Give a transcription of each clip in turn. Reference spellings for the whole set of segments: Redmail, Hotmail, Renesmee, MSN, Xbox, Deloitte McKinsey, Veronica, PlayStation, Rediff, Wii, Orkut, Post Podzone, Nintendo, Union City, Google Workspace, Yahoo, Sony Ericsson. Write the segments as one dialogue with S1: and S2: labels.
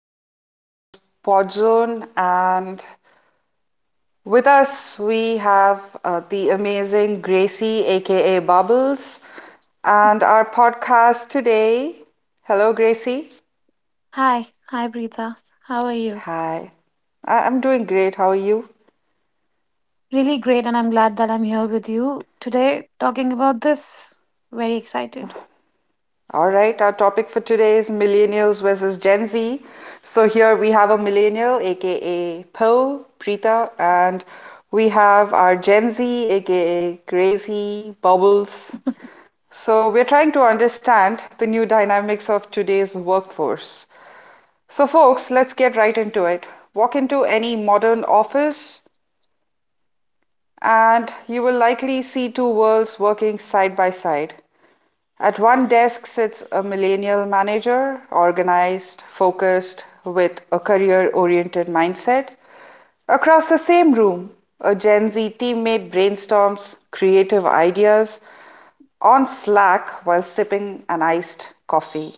S1: Welcome to Post Podzone. And with us, we have the amazing Gracie, aka Bubbles, and our podcast today. Hello, Gracie.
S2: Hi, hi, Preetha. How are you?
S1: Hi. I'm doing great. How are you?
S2: Really great, and I'm glad that I'm here with you today talking about this. Very excited.
S1: All right. Our topic for today is millennials versus Gen Z. So here we have a millennial, aka Pearl, Preeta, and we have our Gen Z, aka Gracie, Bubbles. So, we're trying to understand the new dynamics of today's workforce. So, folks, let's get right into it. Walk into any modern office, and you will likely see two worlds working side by side. At one desk sits a millennial manager, organized, focused, with a career oriented mindset. Across the same room, a Gen Z teammate brainstorms creative ideas on Slack while sipping an iced coffee.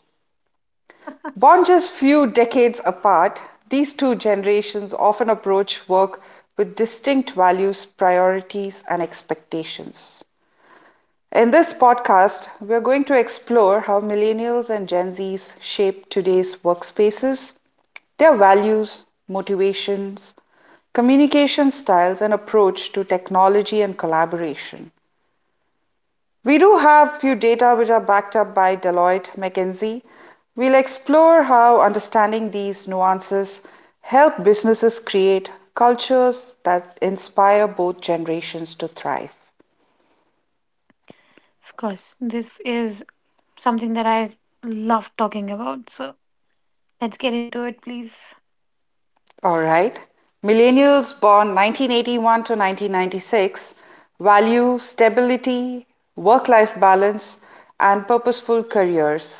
S1: Born just few decades apart, these two generations often approach work with distinct values, priorities, and expectations. In this podcast, we're going to explore how millennials and Gen Zs shape today's workspaces, their values, motivations, communication styles, and approach to technology and collaboration. We do have few data which are backed up by Deloitte McKinsey. We'll explore how understanding these nuances help businesses create cultures that inspire both generations to thrive.
S2: Of course, this is something that I love talking about. So let's get into it, please.
S1: All right. Millennials born 1981 to 1996 value stability, work life balance, and purposeful careers.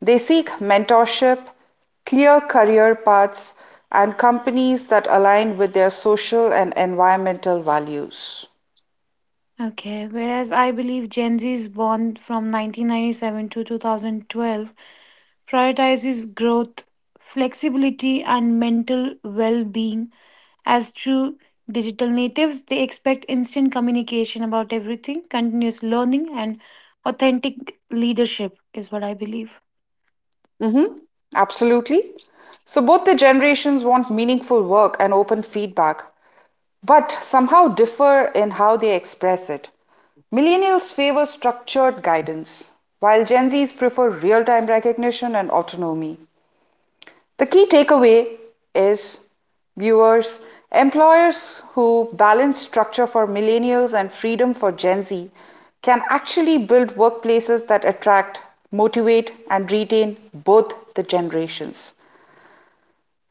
S1: They seek mentorship, clear career paths, and companies that align with their social and environmental values.
S2: Okay, whereas I believe Gen Z is born from 1997 to 2012, prioritizes growth, flexibility, and mental well being. As true digital natives, they expect instant communication about everything, continuous learning, and authentic leadership, is what I believe.
S1: hmm Absolutely. So both the generations want meaningful work and open feedback, but somehow differ in how they express it. Millennials favor structured guidance, while Gen Zs prefer real-time recognition and autonomy. The key takeaway is, viewers, employers who balance structure for millennials and freedom for Gen Z can actually build workplaces that attract, motivate, and retain both the generations.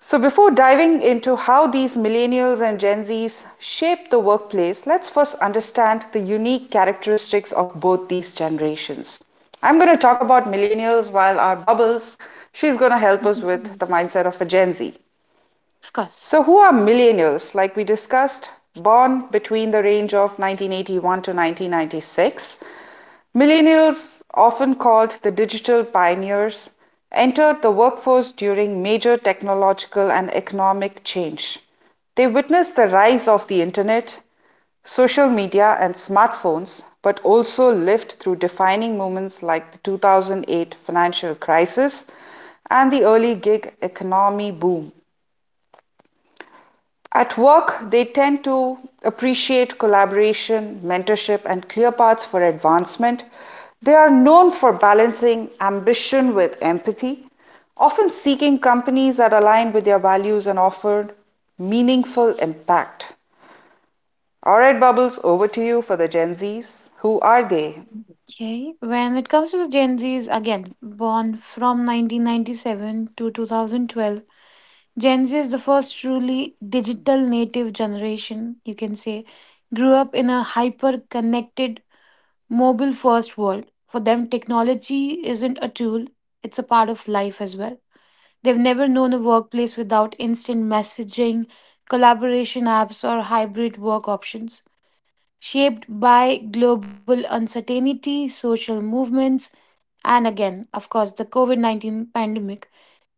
S1: So, before diving into how these millennials and Gen Zs shape the workplace, let's first understand the unique characteristics of both these generations. I'm going to talk about millennials while our bubbles, she's going to help us with
S2: Mhm.
S1: the mindset of a Gen Z.
S2: Of course.
S1: So, who are millennials? Like we discussed, born between the range of 1981 to 1996. Millennials, often called the digital pioneers, entered the workforce during major technological and economic change. They witnessed the rise of the internet, social media, and smartphones, but also lived through defining moments like the 2008 financial crisis and the early gig economy boom. At work, they tend to appreciate collaboration, mentorship, and clear paths for advancement. They are known for balancing ambition with empathy, often seeking companies that align with their values and offer meaningful impact. All right, Bubbles, over to you for the Gen Zs. Who are they?
S2: Okay. When it comes to the Gen Zs, again, born from 1997 to 2012, Gen Z is the first truly digital native generation, you can say, grew up in a hyper connected mobile first world. For them, technology isn't a tool, it's a part of life as well. They've never known a workplace without instant messaging, collaboration apps, or hybrid work options. Shaped by global uncertainty, social movements, and again, of course, the COVID 19 pandemic,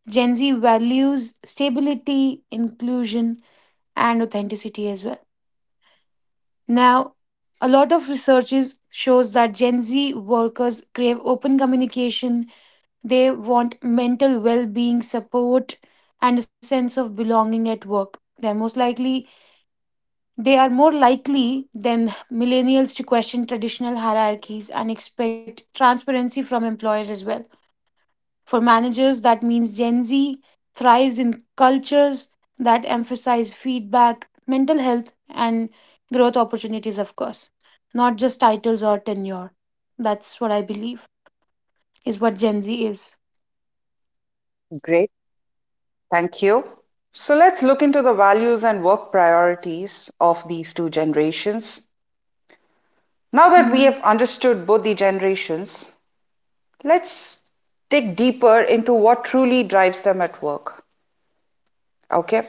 S2: Gen Z values stability, inclusion, and authenticity as well. Now, a lot of researches shows that Gen Z workers crave open communication. They want mental well-being support and a sense of belonging at work. They are more likely than millennials to question traditional hierarchies and expect transparency from employers as well. For managers, that means Gen Z thrives in cultures that emphasize feedback, mental health, and growth opportunities, of course, not just titles or tenure. That's what I believe is what Gen Z is.
S1: Great. Thank you. So let's look into the values and work priorities of these two generations. Now that we
S2: Hmm.
S1: have understood both the generations, let's dig deeper into what truly drives them at work. Okay.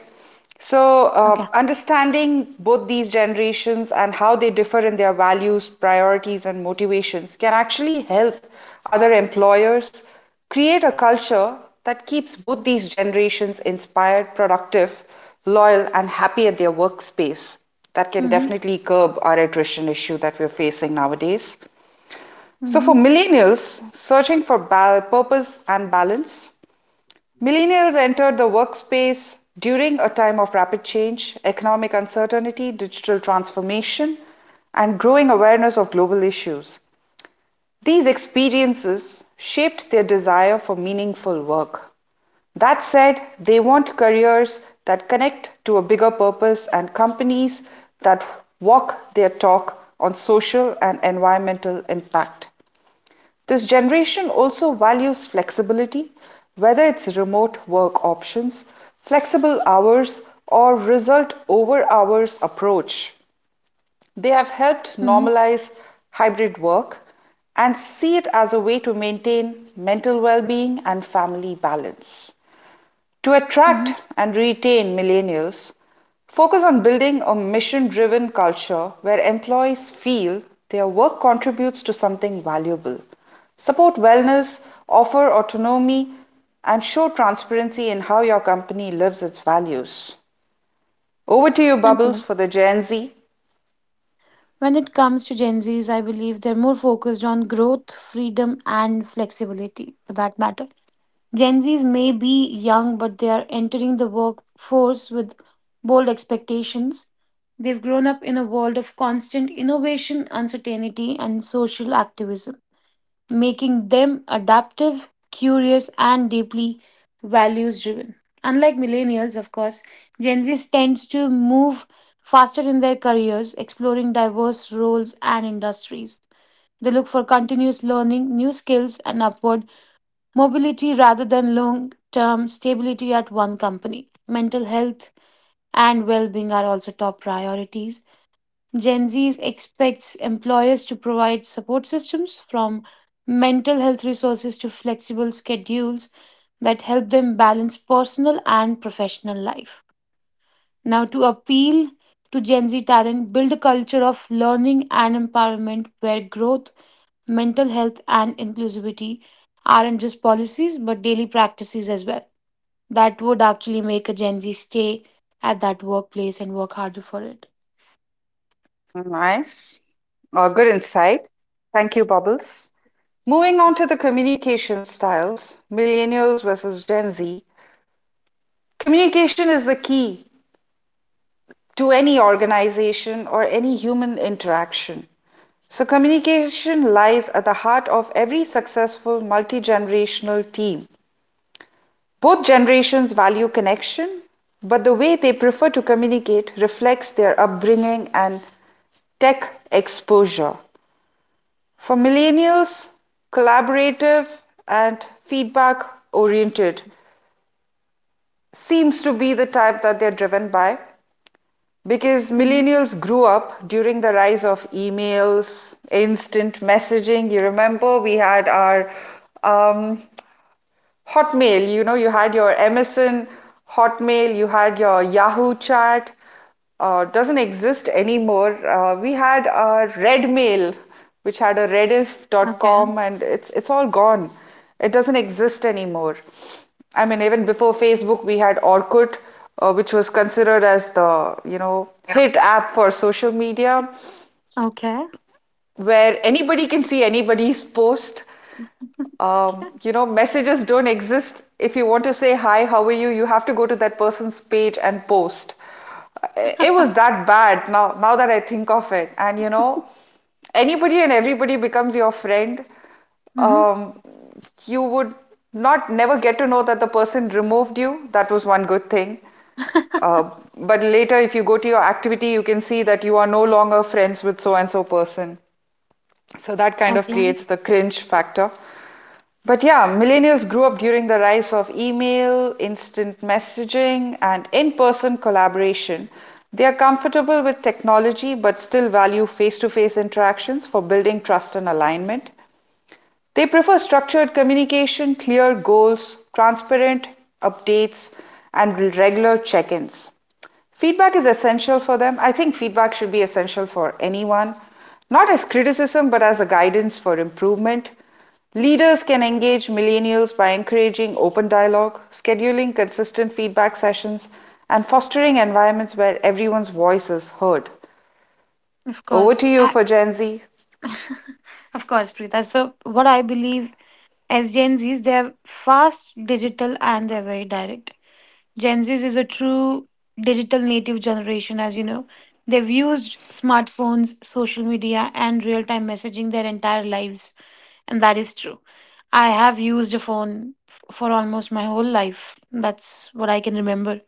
S1: So,
S2: Okay.
S1: understanding both these generations and how they differ in their values, priorities, and motivations can actually help other employers create a culture that keeps both these generations inspired, productive, loyal, and happy at their workspace. That can
S2: Mm-hmm.
S1: definitely curb our attrition issue that we're facing nowadays. So, for
S2: Mm-hmm.
S1: millennials searching for purpose and balance, millennials entered the workspace during a time of rapid change, economic uncertainty, digital transformation, and growing awareness of global issues. These experiences shaped their desire for meaningful work. That said, they want careers that connect to a bigger purpose and companies that walk their talk on social and environmental impact. This generation also values flexibility, whether it's remote work options, flexible hours, or result over hours approach. They have helped
S2: Mm-hmm.
S1: normalize hybrid work and see it as a way to maintain mental well being and family balance. To attract
S2: Mm-hmm.
S1: and retain millennials, focus on building a mission driven culture where employees feel their work contributes to something valuable. Support wellness, offer autonomy, and show transparency in how your company lives its values. Over to you,
S2: Thank
S1: Bubbles,
S2: you.
S1: for the Gen Z.
S2: When it comes to Gen Zs, I believe they're more focused on growth, freedom, and flexibility for that matter. Gen Zs may be young, but they are entering the workforce with bold expectations. They've grown up in a world of constant innovation, uncertainty, and social activism, making them adaptive, curious, and deeply values driven. Unlike millennials, of course, Gen Z tends to move faster in their careers, exploring diverse roles and industries. They look for continuous learning, new skills, and upward mobility rather than long term stability at one company. Mental health and well being are also top priorities. Gen Z expects employers to provide support systems from mental health resources to flexible schedules that help them balance personal and professional life. Now, to appeal to Gen Z talent, build a culture of learning and empowerment where growth, mental health, and inclusivity aren't just policies but daily practices as well. That would actually make a Gen Z stay at that workplace and work harder for it.
S1: Nice. Oh, good insight. Thank you, Bubbles. Moving on to the communication styles, millennials versus Gen Z. Communication is the key to any organization or any human interaction. So, communication lies at the heart of every successful multi generational team. Both generations value connection, but the way they prefer to communicate reflects their upbringing and tech exposure. For millennials, collaborative and feedback oriented seems to be the type that they're driven by. Because
S2: Mm.
S1: millennials grew up during the rise of emails, instant messaging. You remember we had our um, Hotmail, you know, you had your MSN, Hotmail, you had your Yahoo chat, doesn't exist anymore. We had a Redmail, which had a Rediff dot
S2: Okay.
S1: com, and it's all gone. It doesn't exist anymore. I mean, even before Facebook, we had Orkut, which was considered as the, you know, hit app for social media
S2: Okay.
S1: where anybody can see anybody's post. You know, messages don't exist. If you want to say hi, how are you, you have to go to that person's page and post. It was that bad now that I think of it. And you know, anybody and everybody becomes your friend.
S2: Hmm.
S1: Um, you would not never get to know that the person removed you. That was one good thing. Uh, but later, if you go to your activity, you can see that you are no longer friends with so and so person. So that kind of
S2: Okay.
S1: creates the cringe factor. But yeah, millennials grew up during the rise of email, instant messaging, and in person collaboration. They are comfortable with technology but still value face to face interactions for building trust and alignment. They prefer structured communication, clear goals, transparent updates, and regular check ins. Feedback is essential for them. I think feedback should be essential for anyone, not as criticism, but as a guidance for improvement. Leaders can engage millennials by encouraging open dialogue, scheduling consistent feedback sessions, and fostering environments where everyone's voice is heard.
S2: Of
S1: Over
S2: course.
S1: to you for Gen Z.
S2: Of course, Preeta. So, what I believe as Gen Zs, they're fast, digital, and they're very direct. Gen Z is a true digital native generation, as you know. They've used smartphones, social media, and real time messaging their entire lives. And that is true. I have used a phone for almost my whole life. That's what I can remember.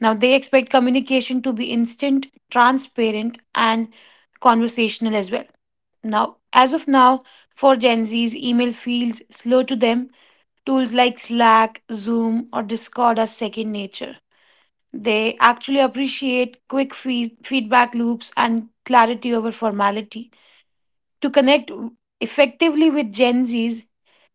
S2: Now, they expect communication to be instant, transparent, and conversational as well. Now, as of now, for Gen Z's, email feels slow to them. Tools like Slack, Zoom, or Discord are second nature. They actually appreciate quick feedback loops and clarity over formality. To connect effectively with Gen Zs,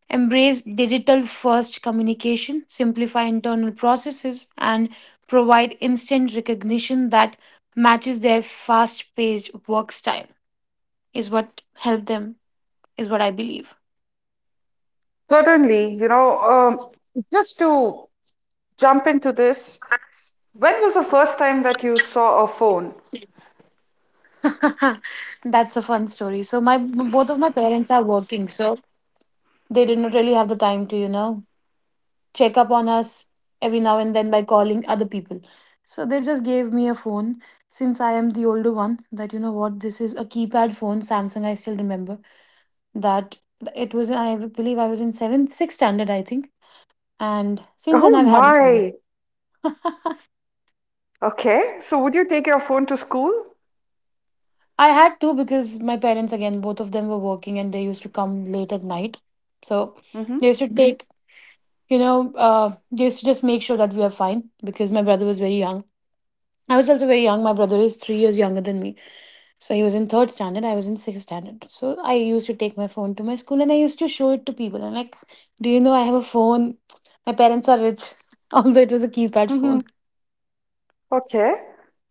S2: embrace digital first communication, simplify internal processes, and provide instant recognition that matches their fast paced work style, is what helped them, is what I believe.
S1: Certainly, you know, just to jump into this. When was the first time that you saw a phone?
S2: That's a fun story. So my both of my parents are working, so they did not really have the time to, check up on us every now and then by calling other people. So they just gave me a phone since I am the older one. That, you know what, this is a keypad phone Samsung. I still remember that. It was, I believe I was in 7th 6th standard, I think, and since then
S1: Oh
S2: I've had a phone.
S1: my. Okay, so would you take your phone to school?
S2: I had two because my parents, again, both of them were working and they used to come late at night. So
S1: Mm-hmm.
S2: they used to, mhm, take, they used to just make sure that we are fine because my brother was very young. I was also very young. My brother is 3 years younger than me. So he was in third standard, I was in sixth standard. So I used to take my phone to my school and I used to show it to people. And like, do you know I have a phone? My parents are rich, although it was a keypad
S1: Hmm.
S2: phone.
S1: Okay.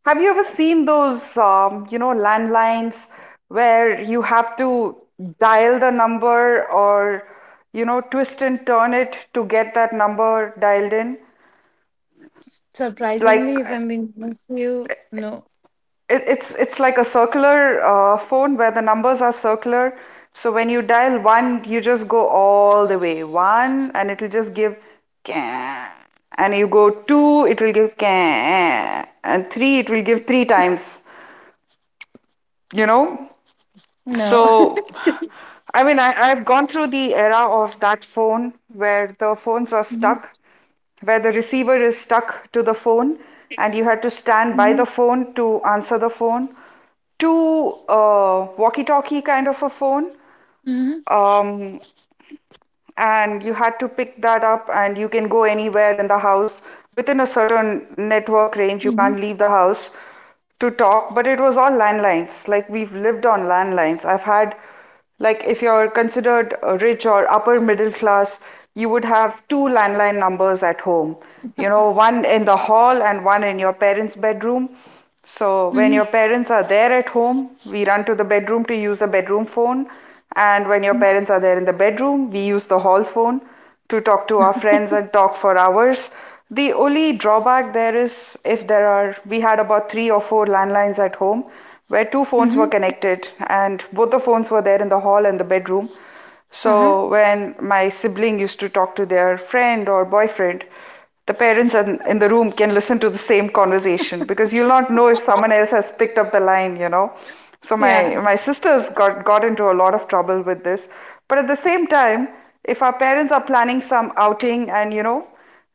S1: Have you ever seen those, you know, landlines where you have to dial the number or, you know, twist and turn it to get that number dialed in? Like
S2: Surprisingly, if I'm being honest with you, no.
S1: it's like a circular phone where the numbers are circular. So when you dial one, you just go all the way one, and it'll just give can. And you go two, it will give can. And three, it will give three times. You know?
S2: No.
S1: So, I mean, I've gone through the era of that phone where the phones are stuck, where the receiver is stuck to the phone, and you had to stand by the
S2: Mhm.
S1: phone to answer the phone, to walkie-talkie kind of a phone,
S2: Mhm.
S1: um, and you had to pick that up and you can go anywhere in the house within a certain network range. You
S2: Mhm.
S1: can't leave the house to talk, but it was all landlines. Like, we've lived on landlines. I've had, like, if you're considered rich or upper middle class, you would have two landline numbers at home, you know, one in the hall and one in your parents bedroom. So when
S2: Mhm.
S1: your parents are there at home, we run to the bedroom to use a bedroom phone. And when your
S2: Mhm.
S1: parents are there in the bedroom, we use the hall phone to talk to our
S2: Mhm.
S1: friends and talk for hours. The only drawback there is if there are, we had about three or four landlines at home where two phones
S2: Mhm.
S1: were connected and both the phones were there in the hall and the bedroom.
S2: Uh-huh.
S1: So when my sibling used to talk to their friend or boyfriend, the parents in the room can listen to the same conversation because you'll not know if someone else has picked up the line, you know. So my
S2: Yeah.
S1: my sisters got into a lot of trouble with this. But at the same time, if our parents are planning some outing and you know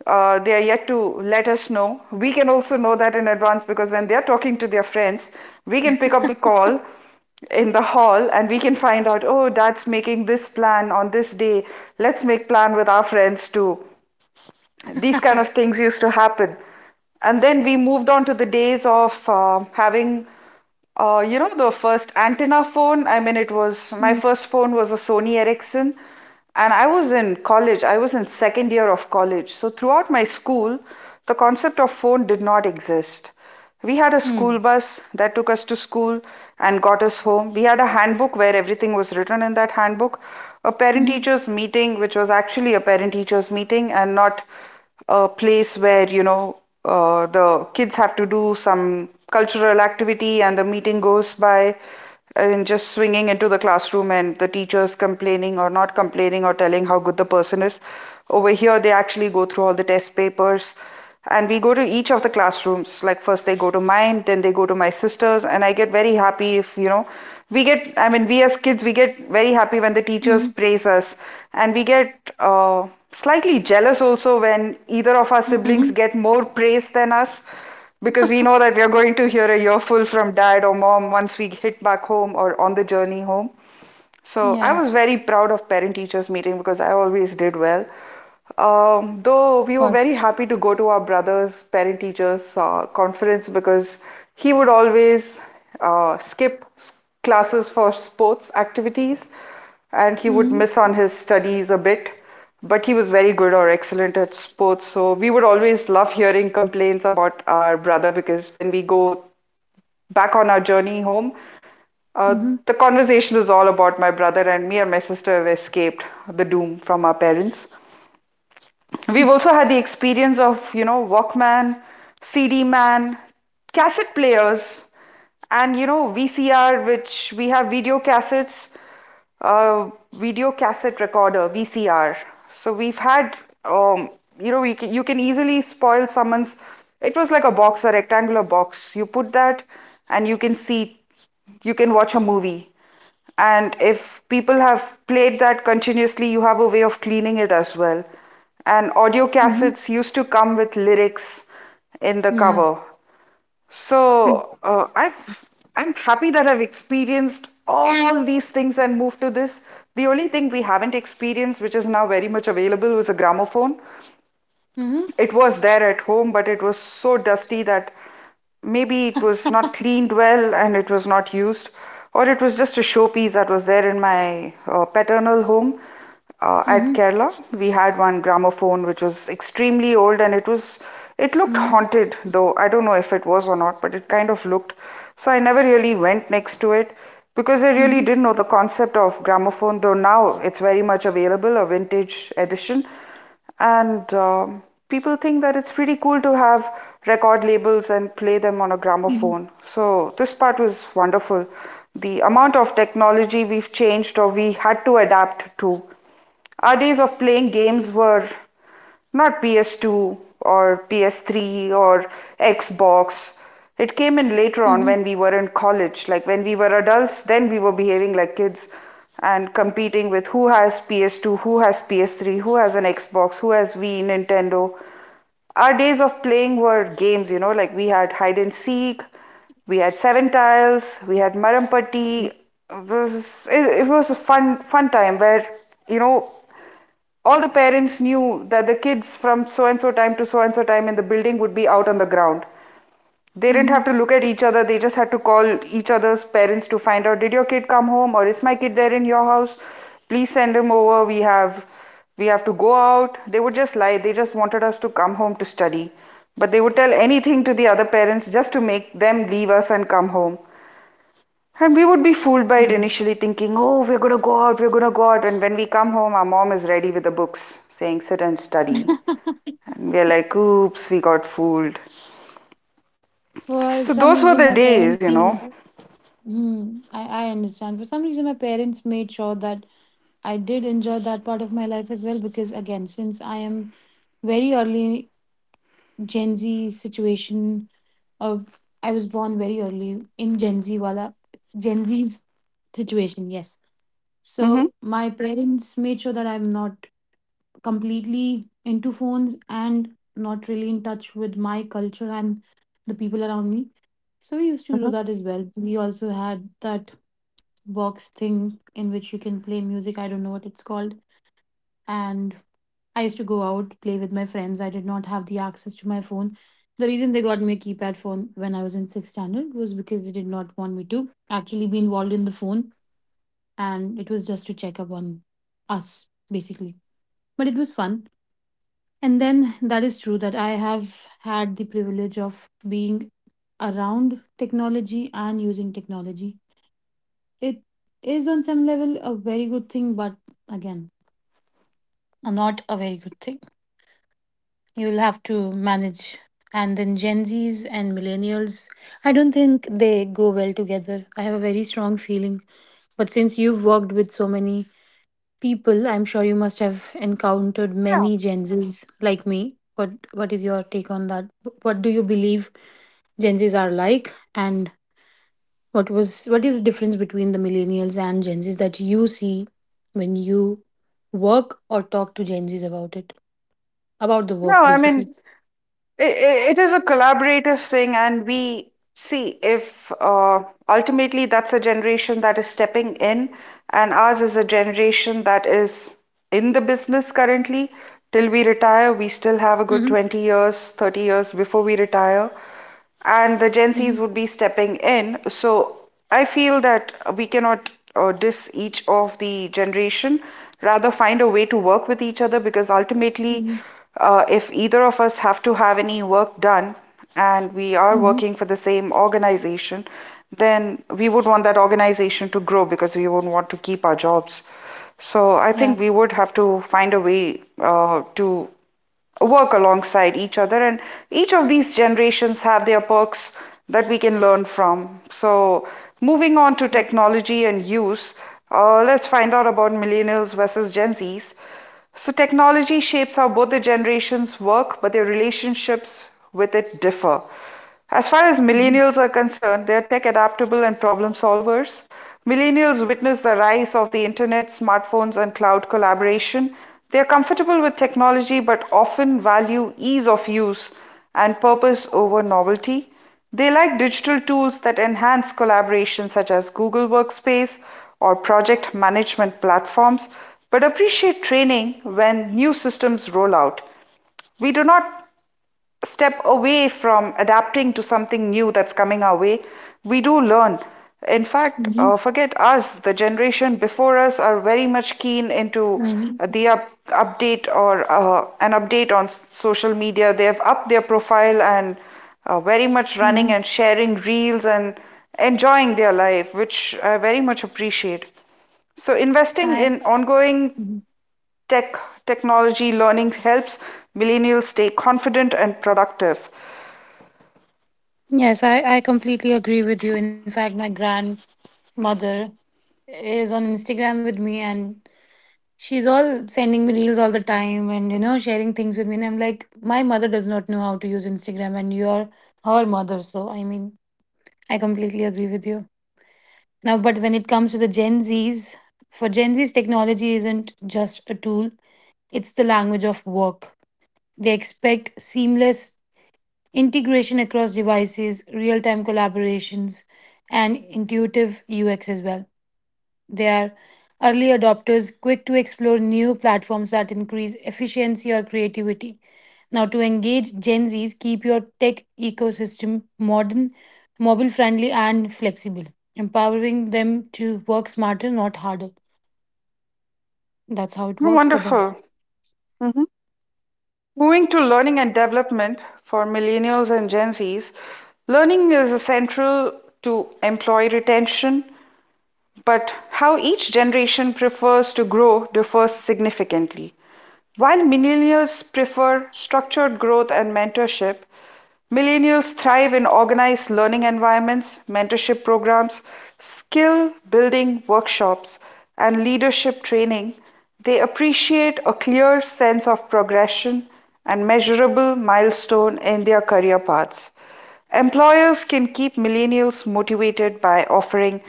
S1: they are yet to let us know, we can also know that in advance because when they are talking to their friends, we can pick up the call in the hall and we can find out, oh, dad's making this plan on this day, let's make plan with our friends too. These kind of things used to happen. And then we moved on to the days of having you know, the first antenna phone. It was, my
S2: Mm.
S1: first phone was a Sony Ericsson, and I was in college. I was in second year of college. So throughout my school, the concept of phone did not exist. We had a
S2: Mm.
S1: school bus that took us to school and got us home. We had a handbook where everything was written in that handbook. A parent
S2: Mhm.
S1: teachers meeting, which was actually a parent teachers meeting and not a place where, the kids have to do some cultural activity and the meeting goes by and just swinging into the classroom and the teachers complaining or not complaining or telling how good the person is. Over here, they actually go through all the test papers, and we go to each of the classrooms. Like first they go to mine, then they go to my sisters, and I get very happy. If you know we get i mean we as kids, we get very happy when the
S2: Mhm.
S1: teachers praise us, and we get slightly jealous also when either of our
S2: Mhm.
S1: siblings get more praise than us, because we know that we are going to hear a earful from dad or mom once we hit back home or on the journey home.
S2: Yeah,
S1: So
S2: of
S1: I was very proud of parent teachers meeting because I always did well. Though we were
S2: course.
S1: very happy to go to our brother's parent teachers conference, because he would always skip classes for sports activities and he would
S2: Mm-hmm.
S1: miss on his studies a bit. But he was very good or excellent at sports, so we would always love hearing complaints about our brother, because when we go back on our journey home, uh,
S2: Mm-hmm.
S1: the conversation was all about my brother, and me and my sister have escaped the doom from our parents. We've also had the experience of, you know, Walkman, CD man, cassette players, and, you know, VCR, which we have video cassettes, video cassette recorder, VCR. So we've had, um, we can, you can easily spoil someone's. It was like a box, a rectangular box. You put that, and you can see, you can watch a movie. And if people have played that continuously, you have a way of cleaning it as well. And audio
S2: Mm-hmm.
S1: cassettes used to come with lyrics in the
S2: Yeah.
S1: cover. So I'm happy that I've experienced all these things and moved to this. The only thing we haven't experienced, which is now very much available, was a gramophone.
S2: Mm-hmm.
S1: It was there at home, but it was so dusty that maybe it was not cleaned well and it was not used, or it was just a showpiece that was there in my paternal home at Kerala. We had one gramophone which was extremely old, and it was, it looked
S2: Mhm.
S1: haunted. Though I don't know if it was or not, but it kind of looked. So I never really went next to it because I really
S2: Mhm.
S1: didn't know the concept of gramophone, though now it's very much available, a vintage edition. And People think that it's pretty cool to have record labels and play them on a
S2: Mhm.
S1: gramophone. So this part was wonderful. The amount of technology we've changed or we had to adapt to. Our days of playing games were not PS2 or PS3 or Xbox. It came in later on
S2: Mhm.
S1: when we were in college. Like when we were adults, then we were behaving like kids and competing with who has PS2, who has PS3, who has an Xbox, who has Wii, Nintendo. Our days of playing were games, you know, like we had hide and seek, we had seven tiles, we had marampati. It was a fun time where you know all the parents knew that the kids from so and so time to so and so time in the building would be out on the ground. They didn't have to
S2: Mhm.
S1: look at each other, they just had to call each other's parents to find out, did your kid come home or is my kid there in your house? Please send him over. We have to go out. They would just lie. They just wanted us to come home to study. But they would tell anything to the other parents just to make them leave us and come home. And we would be fooled by it
S2: Mhm.
S1: initially, thinking, oh, we're going to go out, we're going to go out. And when we come home, our mom is ready with the books saying, sit and study. And we're like, oops, we got fooled.
S2: For
S1: So
S2: some
S1: those were
S2: reason,
S1: the
S2: my
S1: days,
S2: parents
S1: you know.
S2: made. Hmm. I understand. For some reason, my parents made sure that I did enjoy that part of my life as well. Because again, since I am very early Gen Z situation of I was born very early in Gen Z wala Gen Z's situation. Yes.
S1: Mm-hmm.
S2: So my parents made sure that I'm not completely into phones and not really in touch with my culture and the people around me. So we used to do
S1: Mm-hmm.
S2: that as well. We also had that box thing in which you can play music. I don't know what it's called. And I used to go out, play with my friends. I did not have the access to my phone. The reason they got me a keypad phone when I was in sixth standard was because they did not want me to actually be involved in the phone. And it was just to check up on us, basically. But it was fun. And then that is true that I have had the privilege of being around technology and using technology. It is on some level a very good thing, but again, not a very good thing. You will have to manage. And then Gen Zs and millennials, I don't think they go well together. I have a very strong feeling. But since you've worked with so many people, I'm sure you must have encountered
S1: Yeah.
S2: many Gen Zs like me. What is your take on that? What do you believe Gen Zs are like, and what is the difference between the millennials and Gen Zs that you see when you work or talk to Gen Zs about it, about the work
S1: No, I
S2: basically?
S1: mean, it is a collaborative thing, and we see if ultimately that's a generation that is stepping in, and ours is a generation that is in the business currently. Till we retire, we still
S2: Mm-hmm.
S1: have a good 20 years, 30 years before we retire, and the Gen Zs would
S2: Mm-hmm.
S1: be stepping in. So I feel that we cannot diss each of the generation, rather find a way to work with each other, because ultimately,
S2: Mm-hmm.
S1: if either of us have to have any work done and we are
S2: Mm-hmm.
S1: working for the same organization, then we would want that organization to grow because we would want to keep our jobs. So I
S2: Yeah.
S1: think we would have to find a way to work alongside each other, and each of these generations have their perks that we can learn from. So moving on to
S2: Mm-hmm.
S1: technology and use, let's find out about millennials versus Gen Z's. So technology shapes how both the generations work, but their relationships with it differ. As far as
S2: Mm-hmm.
S1: millennials are concerned, they are tech-adaptable and problem solvers. Millennials witness the rise of the internet, smartphones, and cloud collaboration. They are comfortable with technology but often value ease of use and purpose over novelty. They like digital tools that enhance collaboration, such as Google Workspace or project management platforms, but appreciate training when new systems roll out. We do not step away from adapting to something new that's coming our way, we do learn. In fact,
S2: Mm-hmm.
S1: forget us, the generation before us are very much keen into update or an update on social media. They have upped their profile and very much
S2: Mm-hmm.
S1: running and sharing reels and enjoying their life, which I very much appreciate. So investing
S2: I
S1: in ongoing
S2: Mhm.
S1: tech, technology, learning helps millennials stay confident and productive.
S2: Yes, I completely agree with you. In fact, my grandmother is on Instagram with me and she's all sending me reels all the time and sharing things with me, and I'm like, my mother does not know how to use Instagram and you're her mother, so I mean, I completely agree with you. Now, but when it comes to the Gen Zs, for Gen Zs, technology isn't just a tool, it's the language of work. They expect seamless integration across devices, real-time collaborations, and intuitive UX as well. They are early adopters, quick to explore new platforms that increase efficiency or creativity. Now, to engage Gen Zs, keep your tech ecosystem modern, mobile friendly, and flexible, empowering them to work smarter, not harder. That's how it works for them.
S1: Wonderful. Mhm. Moving to learning and development for millennials and Gen Zs, learning is central to employee retention, but how each generation prefers to grow differs significantly. While millennials prefer structured growth and mentorship, millennials thrive in organized learning environments, mentorship programs, skill building workshops, and leadership training. They appreciate a clear sense of progression and measurable milestone in their career paths. Employers can keep millennials motivated by offering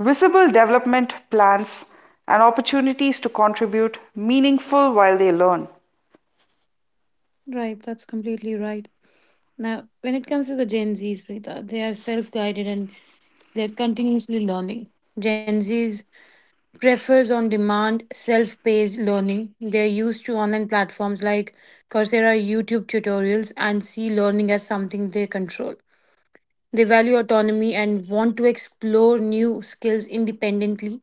S1: visible development plans and opportunities to contribute meaningful while they learn.
S2: Right, that's completely right. Now, when it comes to the Gen Zs, Preeta, they are self guided and they're continuously learning. Gen Zs prefers on demand self paced learning. They're used to online platforms like Coursera, YouTube tutorials, and see learning as something they control. They value autonomy and want to explore new skills independently,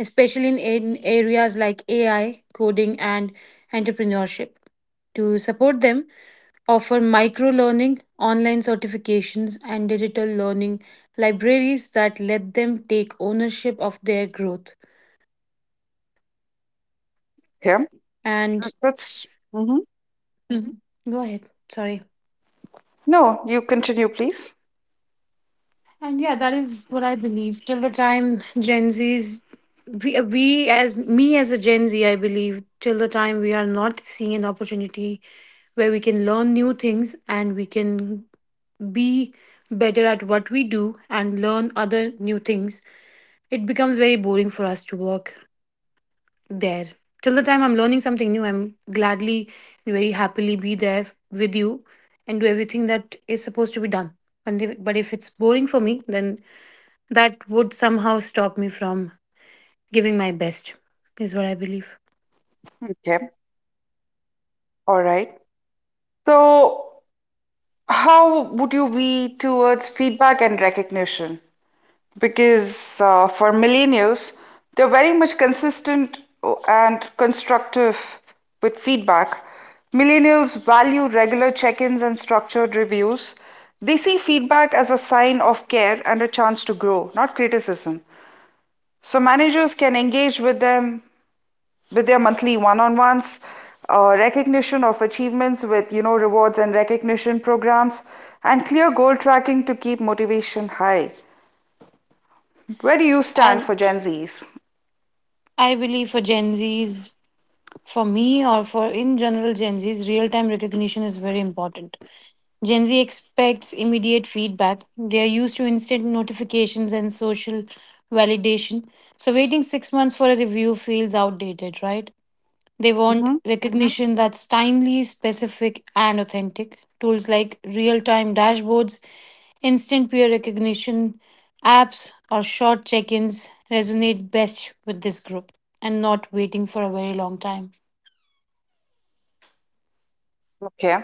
S2: especially in areas like AI, coding, and entrepreneurship. To support them, offer micro learning, online certifications, and digital learning libraries that let them take ownership of their growth.
S1: Okay. Uh,
S2: And
S1: That's hmm
S2: Mhm. Go ahead. Sorry.
S1: No, you continue, please.
S2: And yeah, that is what I believe. Till the time Gen Z's, we as me as a Gen Z, I believe, till the time we are not seeing an opportunity where we can learn new things and we can be better at what we do and learn other new things, it becomes very boring for us to work there. Till the time I'm learning something new, I'm gladly and very happily be there with you and do everything that is supposed to be done. And but if it's boring for me, then that would somehow stop me from giving my best, is what I believe.
S1: Okay. All right. So how would you be towards feedback and recognition? Because for millennials, they're very much consistent and constructive with feedback. Millennials value regular check ins and structured reviews. They see feedback as a sign of care and a chance to grow, not criticism. So managers can engage with them with their monthly one on ones, recognition of achievements with, you know, rewards and recognition programs, and clear goal tracking to keep motivation high. Where do you stand
S2: I,
S1: for Gen Zs?
S2: I believe for Gen Zs, for me or for in general Gen Zs, real time recognition is very important. Gen Z expects immediate feedback. They are used to instant notifications and social validation. So, waiting 6 months for a review feels outdated, right? They want
S1: Mhm.
S2: recognition that's timely, specific, and authentic. Tools like real time dashboards, instant peer recognition, apps, or short check ins resonate best with this group and not waiting for a very long time.
S1: Okay.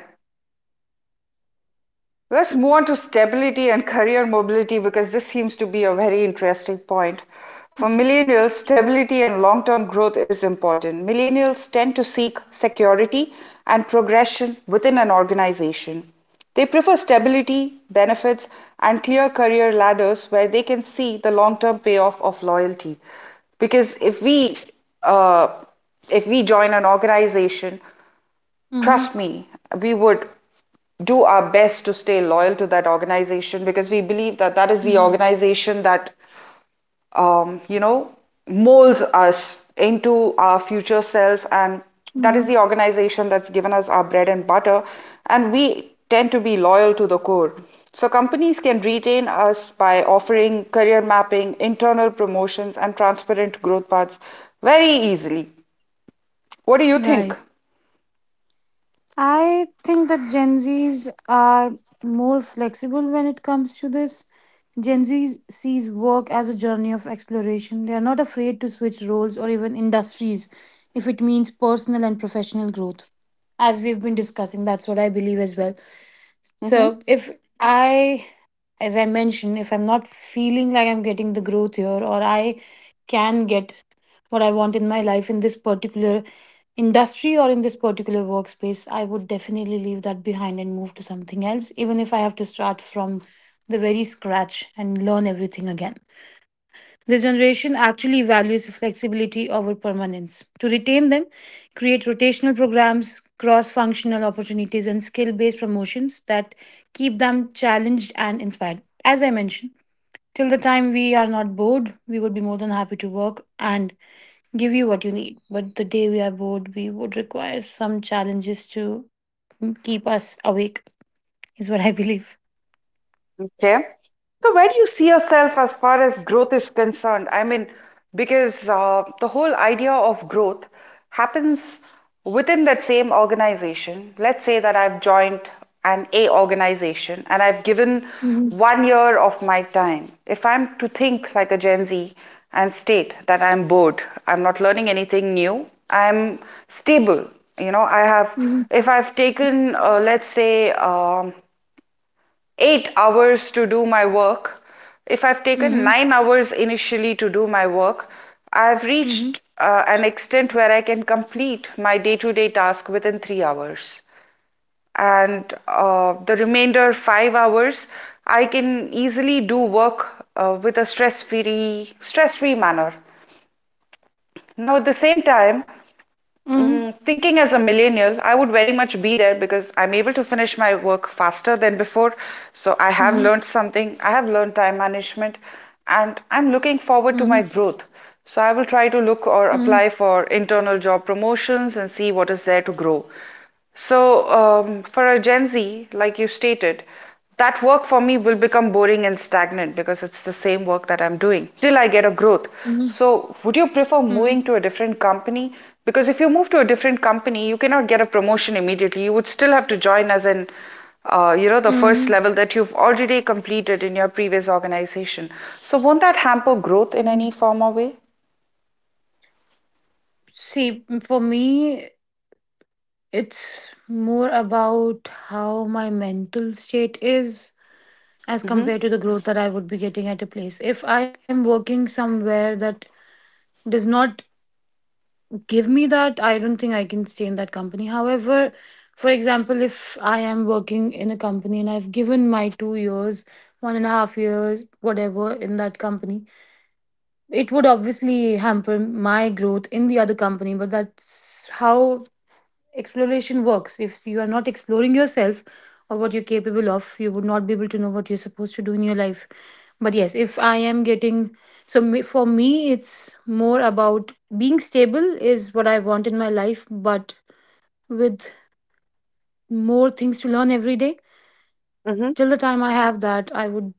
S1: Let's move on to stability and career mobility, because this seems to be a very interesting point. For millennials, stability and long-term growth is important. Millennials tend to seek security and progression within an organization. They prefer stability, benefits, and clear career ladders where they can see the long-term payoff of loyalty. Because uh, if we join an organization,
S2: Mm-hmm.
S1: trust me, we would do our best to stay loyal to that organization, because we believe that that is the organization that, um, you know molds us into our future self, and that is the organization that's given us our bread and butter, and we tend to be loyal to the core. So companies can retain us by offering career mapping, internal promotions, and transparent growth paths very easily. What do you think?
S2: Right. I think that Gen Zs are more flexible when it comes to this. Gen Z sees work as a journey of exploration. They are not afraid to switch roles or even industries if it means personal and professional growth. As we've been discussing, that's what I believe as well.
S1: Mm-hmm.
S2: So, if I, as I mentioned, if I'm not feeling like I'm getting the growth here or I can get what I want in my life in this particular industry or in this particular workspace, I would definitely leave that behind and move to something else, even if I have to start from the very scratch and learn everything again. This generation actually values flexibility over permanence. To retain them, create rotational programs, cross functional opportunities, and skill based promotions that keep them challenged and inspired. As I mentioned, till the time we are not bored, we would be more than happy to work and give you what you need. But the day we are bored, we would require some challenges to keep us awake, is what I believe.
S1: Okay. So where do you see yourself as far as growth is concerned? I mean, because the whole idea of growth happens within that same organization. Let's say that I've joined an A organization and I've given
S2: Mm-hmm.
S1: 1 year of my time. If I'm to think like a Gen Z and state that I'm bored, I'm not learning anything new, I'm stable. You know, I have,
S2: Mm-hmm.
S1: if I've taken, 8 hours to do my work, if I've taken
S2: Mm-hmm.
S1: 9 hours initially to do my work, I've
S2: Mm-hmm.
S1: reached an extent where I can complete my day to day task within 3 hours. And the remainder 5 hours, I can easily do work with a stress free manner. Now, at the same time,
S2: Mm-hmm.
S1: Thinking as a millennial, I would very much be there because I'm able to finish my work faster than before. So I have learned something, I have learned time management, and I'm looking forward to
S2: Mm-hmm.
S1: my growth. So I will try to look or apply for internal job promotions and see what is there to grow. So, for a Gen Z, like you stated, that work for me will become boring and stagnant because it's the same work that I'm doing. Still, I get a growth.
S2: Mm-hmm.
S1: So would you prefer moving
S2: Mhm.
S1: to a different company? Because if you move to a different company, you cannot get a promotion immediately. You would still have to join as an, the first
S2: Mhm.
S1: level that you've already completed in your previous organization. So won't that hamper growth in
S2: Mm.
S1: any form or way?
S2: See, for me, it's more about how my mental state is as
S1: Hmm.
S2: compared to the growth that I would be getting at a place. If I am working somewhere that does not give me that, I don't think I can stay in that company. However, for example, if I am working in a company and I've given my 2 years, 1.5 years, whatever, in that company, it would obviously hamper my growth in the other company, but that's how exploration works. If you are not exploring yourself or what you're capable of, you would not be able to know what you're supposed to do in your life. But yes, if I am getting so me- for me, it's more about being stable is what I want in my life, but with more things to learn every day.
S1: Mhm.
S2: Till the time I have that, I would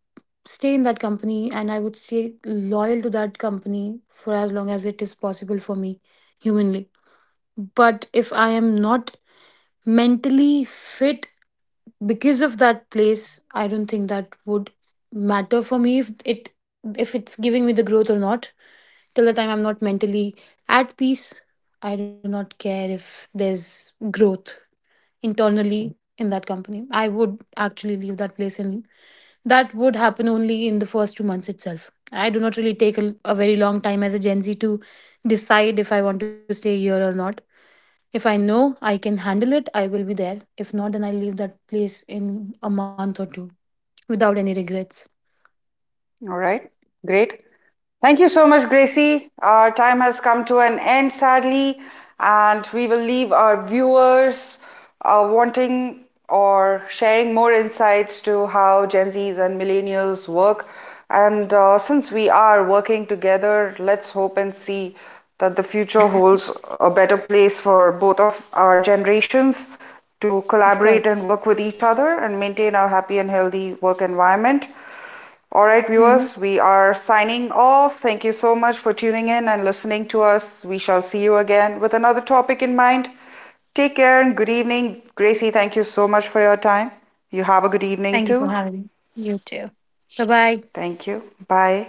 S2: stay in that company and I would stay loyal to that company for as long as it is possible for me humanly. But if I am not mentally fit because of that place, I don't think that would matter for me, if it's giving me the growth or not. Till the time I'm not mentally at peace, I do not care if there's growth internally in that company. I would actually leave that place, and that would happen only in the first 2 months itself. I do not really take a very long time as a Gen Z to decide if I want to stay here or not. If I know I can handle it, I will be there. If not, then I'll leave that place in a month or two without any regrets.
S1: All right, great. Thank you so much, Gracie. Our time has come to an end, sadly, and we will leave our viewers wanting or sharing more insights to how Gen Zs and millennials work. And Since we are working together, let's hope and see that the future holds a better place for both of our generations to
S2: Of
S1: collaborate and work
S2: course.
S1: with each other and maintain our happy and healthy work environment. All right, viewers,
S2: Hmm.
S1: we are signing off. Thank you so much for tuning in and listening to us. We shall see you again with another topic in mind. Take care and good evening. Gracie, thank you so much for your time. You have a good evening
S2: Thank you for
S1: too.
S2: having me. You too. Bye bye.
S1: Thank you. Bye.